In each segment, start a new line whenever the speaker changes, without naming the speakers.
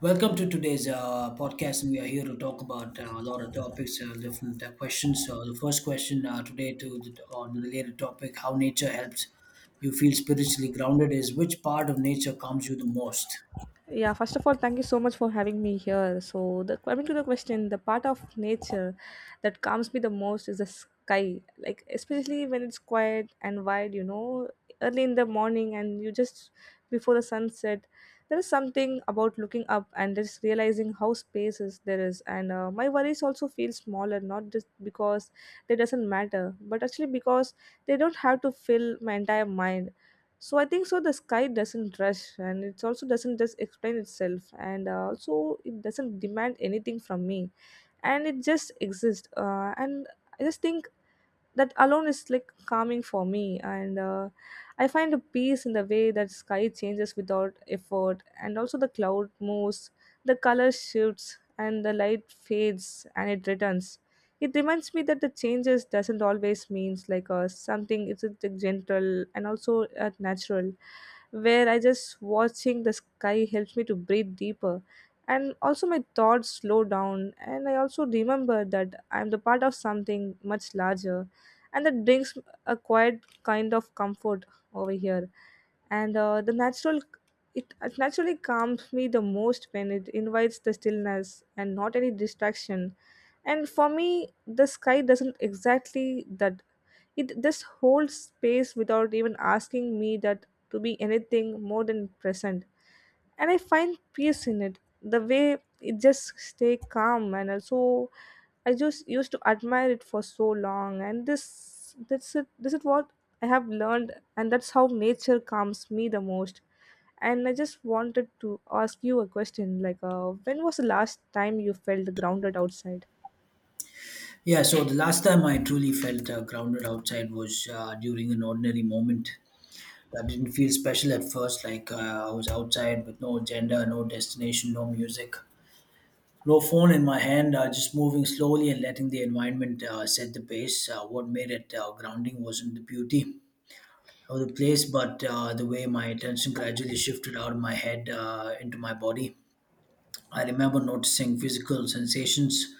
Welcome to today's podcast, and we are here to talk about a lot of topics, different questions. So, the first question today on the related topic, how nature helps you feel spiritually grounded, is which part of nature calms you the most?
Yeah, first of all, thank you so much for having me here. So, the, coming to the question, the part of nature that calms me the most is the sky. Like, especially when it's quiet and wide, you know, early in the morning and you just before the sunset, there is something about looking up and just realizing how spaces there is. And my worries also feel smaller, not just because they doesn't matter, but actually because they don't have to fill my entire mind so I think so the sky doesn't rush and it also doesn't just explain itself and also it doesn't demand anything from me and it just exists and I just think that alone is like calming for me and I find a peace in the way that sky changes without effort and also the cloud moves the color shifts and the light fades and it returns it reminds me that the changes doesn't always means like something it's gentle and also natural where I just watching the sky helps me to breathe deeper and also my thoughts slow down and I also remember that I'm the part of something much larger and that brings a quiet kind of comfort over here and the natural it naturally calms me the most when it invites the stillness and not any distraction and for me the sky doesn't exactly that it just holds space without even asking me that to be anything more than present and I find peace in it. The way it just stay calm and also I just used to admire it for so long and this that's it this is what I have learned and that's how nature calms me the most. And I just wanted to ask you a question like when was the last time you felt grounded outside?
Yeah, so the last time I truly felt grounded outside was during an ordinary moment. That didn't feel special at first, like I was outside with no agenda, no destination, no music. No phone in my hand, just moving slowly and letting the environment set the pace. What made it grounding wasn't the beauty of the place, but the way my attention gradually shifted out of my head into my body. I remember noticing physical sensations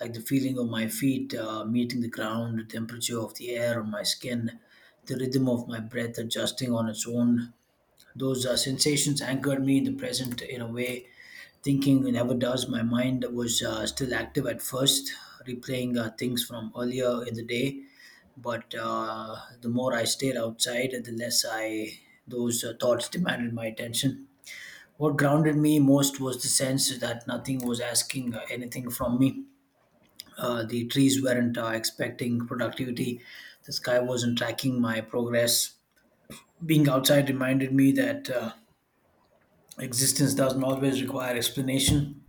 like the feeling of my feet meeting the ground, the temperature of the air on my skin, the rhythm of my breath adjusting on its own. Those sensations anchored me in the present in a way thinking never does. My mind was still active at first, replaying things from earlier in the day. But the more I stayed outside, the less I those thoughts demanded my attention. What grounded me most was the sense that nothing was asking anything from me. The trees weren't expecting productivity. The sky wasn't tracking my progress. Being outside reminded me that existence doesn't always require explanation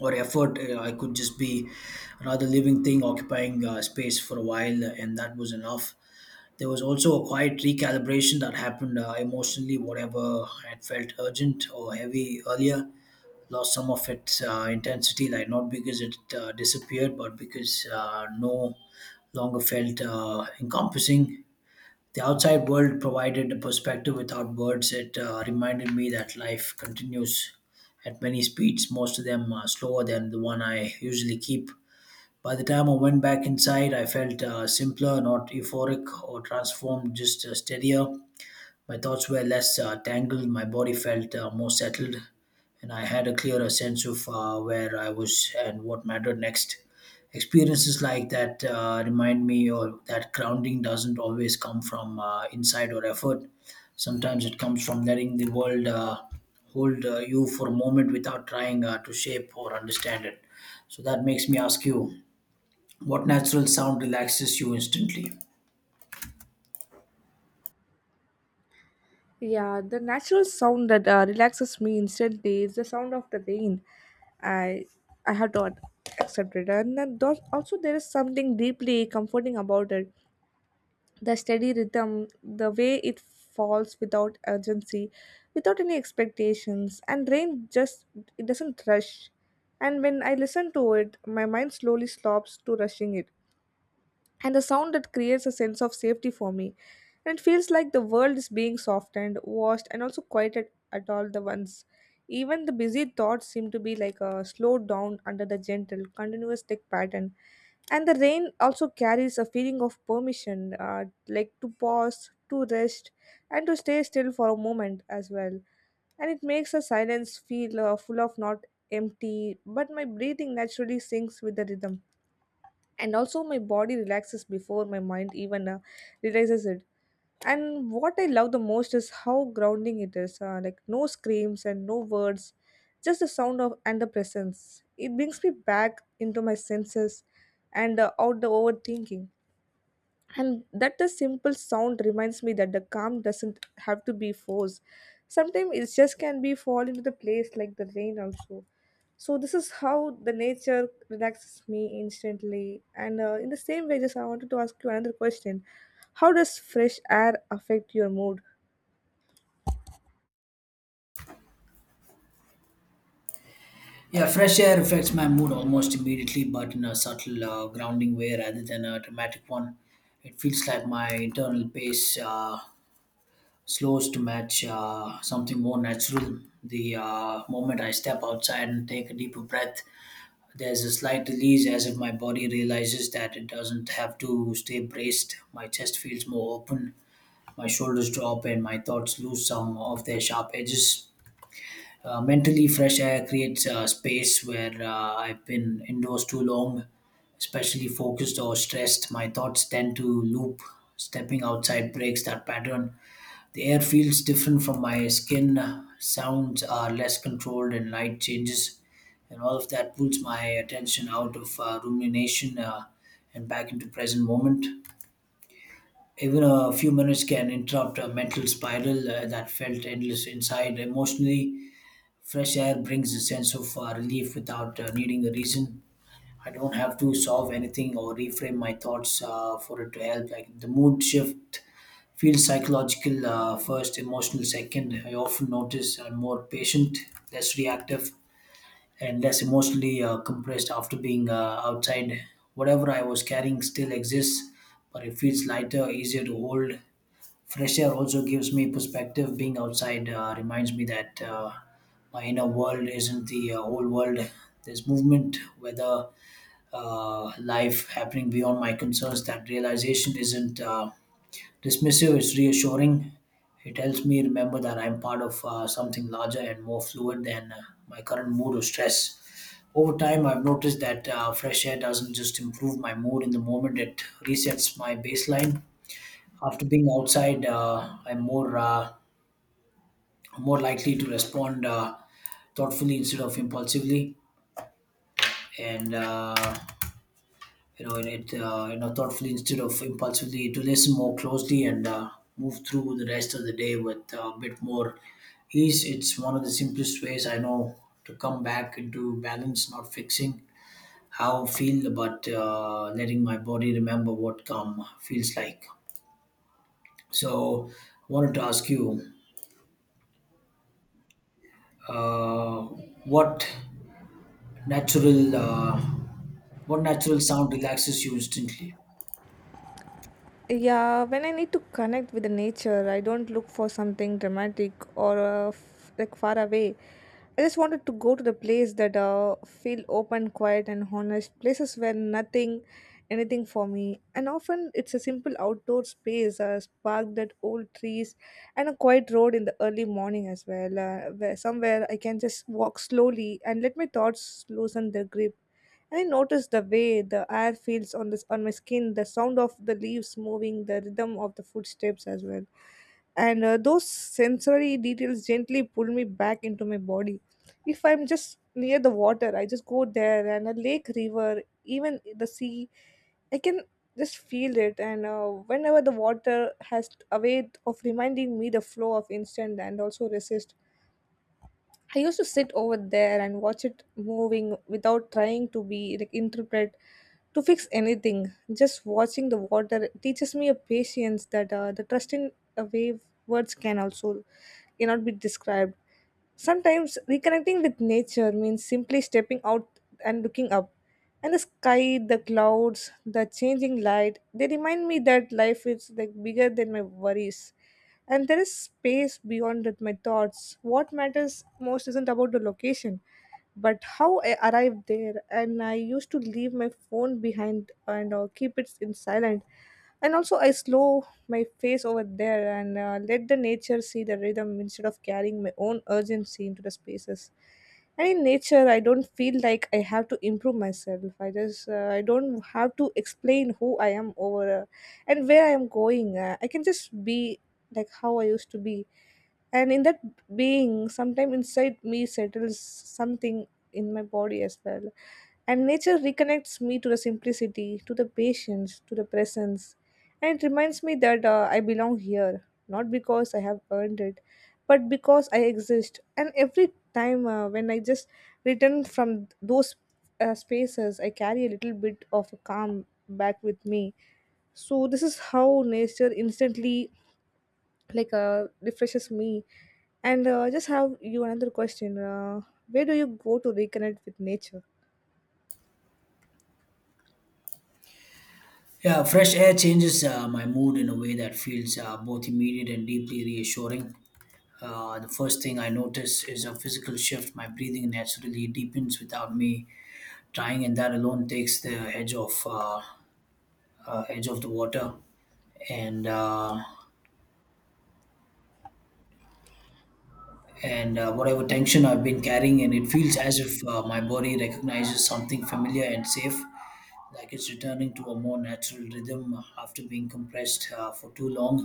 or effort. I could just be another living thing occupying space for a while, and that was enough. There was also a quiet recalibration that happened emotionally. Whatever had felt urgent or heavy earlier lost some of its intensity, like not because it disappeared, but because no longer felt encompassing. The outside world provided a perspective without words. It reminded me that life continues at many speeds, most of them are slower than the one I usually keep. By the time I went back inside, I felt simpler, not euphoric or transformed, just steadier. My thoughts were less tangled, my body felt more settled and I had a clearer sense of where I was and what mattered next. Experiences like that remind me or that grounding doesn't always come from insight or effort. Sometimes it comes from letting the world hold you for a moment without trying to shape or understand it. So that makes me ask you, what natural sound relaxes you instantly?
Yeah, the natural sound that relaxes me instantly is the sound of the rain. I I have to accept it, and then also there is something deeply comforting about it. The steady rhythm, the way it falls without urgency, without any expectations, and rain just it doesn't rush. And when I listen to it, my mind slowly stops to rushing it and a sound that creates a sense of safety for me. And it feels like the world is being softened, washed, and also quieted at all the once. Even the busy thoughts seem to be like a slowed down under the gentle, continuous thick pattern. And the rain also carries a feeling of permission, like to pause, to rest, and to stay still for a moment as well. And it makes the silence feel full of not empty, but my breathing naturally syncs with the rhythm and also my body relaxes before my mind even realizes it and what I love the most is how grounding it is like no screams and no words just the sound of and the presence it brings me back into my senses and out the overthinking and that the simple sound reminds me that the calm doesn't have to be forced sometimes it just can be fall into the place like the rain also so this is how the nature relaxes me instantly and in the same way just I wanted to ask you another question how does fresh air affect your mood.
Yeah, fresh air affects my mood almost immediately, but in a subtle, grounding way rather than a dramatic one. It feels like my internal pace slows to match something more natural. The moment I step outside and take a deeper breath, there's a slight release as if my body realizes that it doesn't have to stay braced. My chest feels more open, my shoulders drop, and my thoughts lose some of their sharp edges. Mentally, fresh air creates a space where I've been indoors too long, especially focused or stressed. My thoughts tend to loop. Stepping outside breaks that pattern. The air feels different from my skin. Sounds are less controlled and light changes. And all of that pulls my attention out of rumination and back into present moment. Even a few minutes can interrupt a mental spiral that felt endless inside emotionally. Fresh air brings a sense of relief without needing a reason. I don't have to solve anything or reframe my thoughts for it to help. Like the mood shift feels psychological first, emotional second. I often notice I'm more patient, less reactive, and less emotionally compressed after being outside. Whatever I was carrying still exists, but it feels lighter, easier to hold. Fresh air also gives me perspective. Being outside reminds me that my inner world isn't the whole world. There's movement, weather, life happening beyond my concerns. That realization isn't dismissive, it's reassuring. It helps me remember that I'm part of something larger and more fluid than my current mood or stress. Over time, I've noticed that fresh air doesn't just improve my mood in the moment, it resets my baseline after being outside, I'm more likely to respond thoughtfully instead of impulsively, and it thoughtfully instead of impulsively to listen more closely and move through the rest of the day with a bit more ease. It's one of the simplest ways I know to come back into balance, not fixing how I feel, but letting my body remember what calm feels like. So, I wanted to ask you. Uh, what natural what natural sound relaxes you instantly?
Yeah, when I need to connect with the nature, I don't look for something dramatic or like far away. I just wanted to go to the place that feel open, quiet, and honest. Places where nothing, anything for me. And often it's a simple outdoor space, a park that old trees, and a quiet road in the early morning as well. Where somewhere I can just walk slowly and let my thoughts loosen their grip. And I noticed the way the air feels on this on my skin, the sound of the leaves moving, the rhythm of the footsteps as well. And those sensory details gently pull me back into my body. If I'm just near the water, I just go there and a lake, river, even the sea, I can just feel it. And whenever the water has a way of reminding me the flow of instant and also resist I used to sit over there and watch it moving without trying to be like interpret to fix anything. Just watching the water teaches me a patience that the trust in a wave words can also cannot be described. Sometimes reconnecting with nature means simply stepping out and looking up. And the sky, the clouds, the changing light, they remind me that life is like bigger than my worries. And there is space beyond that my thoughts. What matters most isn't about the location, but how I arrived there. And I used to leave my phone behind and keep it in silent. And also I slow my face over there and let the nature see the rhythm instead of carrying my own urgency into the spaces and in nature I don't feel like I have to improve myself I just I don't have to explain who I am over and where I am going I can just be like how I used to be and in that being sometime inside me settles something in my body as well and nature reconnects me to the simplicity to the patience to the presence and it reminds me that I belong here not because I have earned it but because I exist and every time when I just return from those spaces I carry a little bit of a calm back with me so this is how nature instantly like refreshes me and just have you another question, where do you go to reconnect with nature.
Yeah, fresh air changes my mood in a way that feels both immediate and deeply reassuring. The first thing I notice is a physical shift. My breathing naturally deepens without me trying, and that alone takes the edge off edge of the water and uh, and whatever tension I've been carrying, and it feels as if my body recognizes something familiar and safe. Like it's returning to a more natural rhythm after being compressed for too long.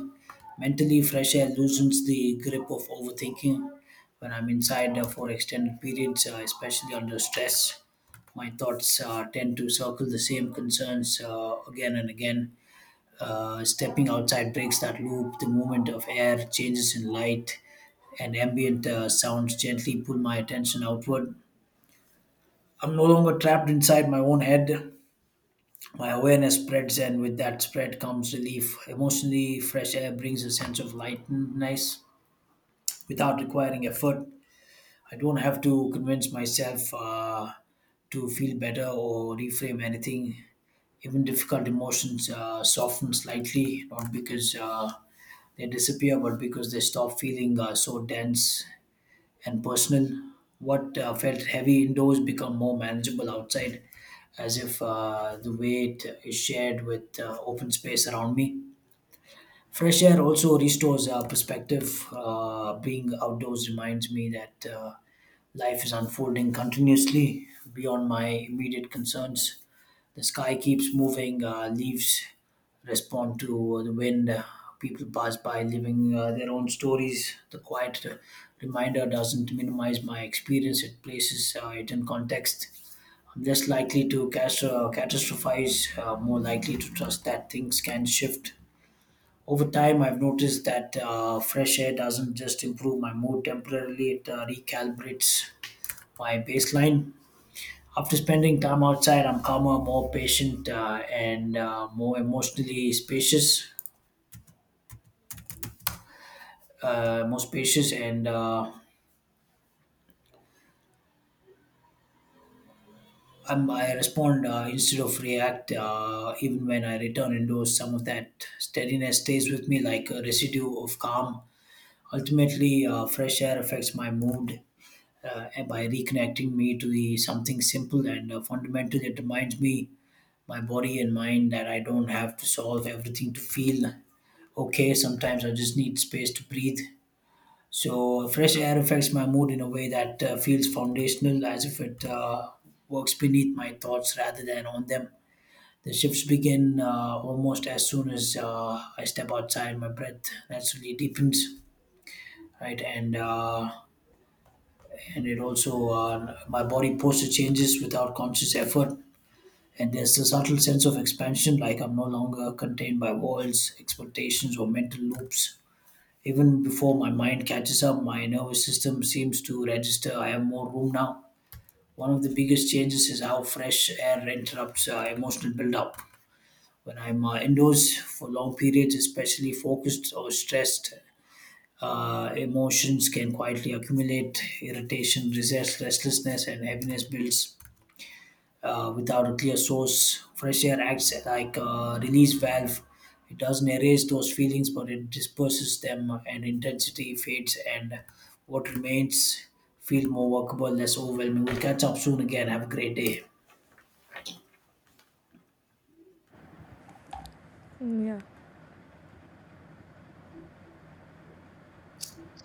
Mentally, fresh air loosens the grip of overthinking. When I'm inside for extended periods, especially under stress, my thoughts tend to circle the same concerns again and again. Stepping outside breaks that loop. The movement of air, changes in light, and ambient sounds gently pull my attention outward. I'm no longer trapped inside my own head my awareness spreads, and with that spread comes relief. Emotionally, fresh air brings a sense of lightness without requiring effort. I don't have to convince myself to feel better or reframe anything. Even difficult emotions soften slightly, not because they disappear, but because they stop feeling so dense and personal. What felt heavy indoors become more manageable outside, as if the weight is shared with open space around me. Fresh air also restores perspective. Being outdoors reminds me that life is unfolding continuously beyond my immediate concerns. The sky keeps moving, leaves respond to the wind, people pass by living their own stories. The quiet reminder doesn't minimize my experience, it places it in context. I'm less likely to catastrophize, more likely to trust that things can shift. Over time, I've noticed that fresh air doesn't just improve my mood temporarily, it recalibrates my baseline. After spending time outside, I'm calmer, more patient, and more emotionally spacious, more spacious, and I respond instead of react. Even when I return indoors, some of that steadiness stays with me like a residue of calm. Ultimately, fresh air affects my mood and by reconnecting me to the something simple and fundamental. It reminds me, my body and mind, that I don't have to solve everything to feel okay, sometimes I just need space to breathe. So, fresh air affects my mood in a way that feels foundational, as if it works beneath my thoughts rather than on them. The shifts begin almost as soon as I step outside. My breath naturally deepens, right, and it also my body posture changes without conscious effort. And there's a subtle sense of expansion, like I'm no longer contained by walls, expectations, or mental loops. Even before my mind catches up, my nervous system seems to register I have more room now. One of the biggest changes is how fresh air interrupts emotional buildup. When I'm indoors for long periods, especially focused or stressed, emotions can quietly accumulate. Irritation, resist, restlessness, and heaviness builds without a clear source. Fresh air acts like a release valve. It doesn't erase those feelings, but it disperses them, and intensity fades, and what remains feel more workable, less overwhelming. We'll catch up soon again. Have a great day.
Mm, yeah.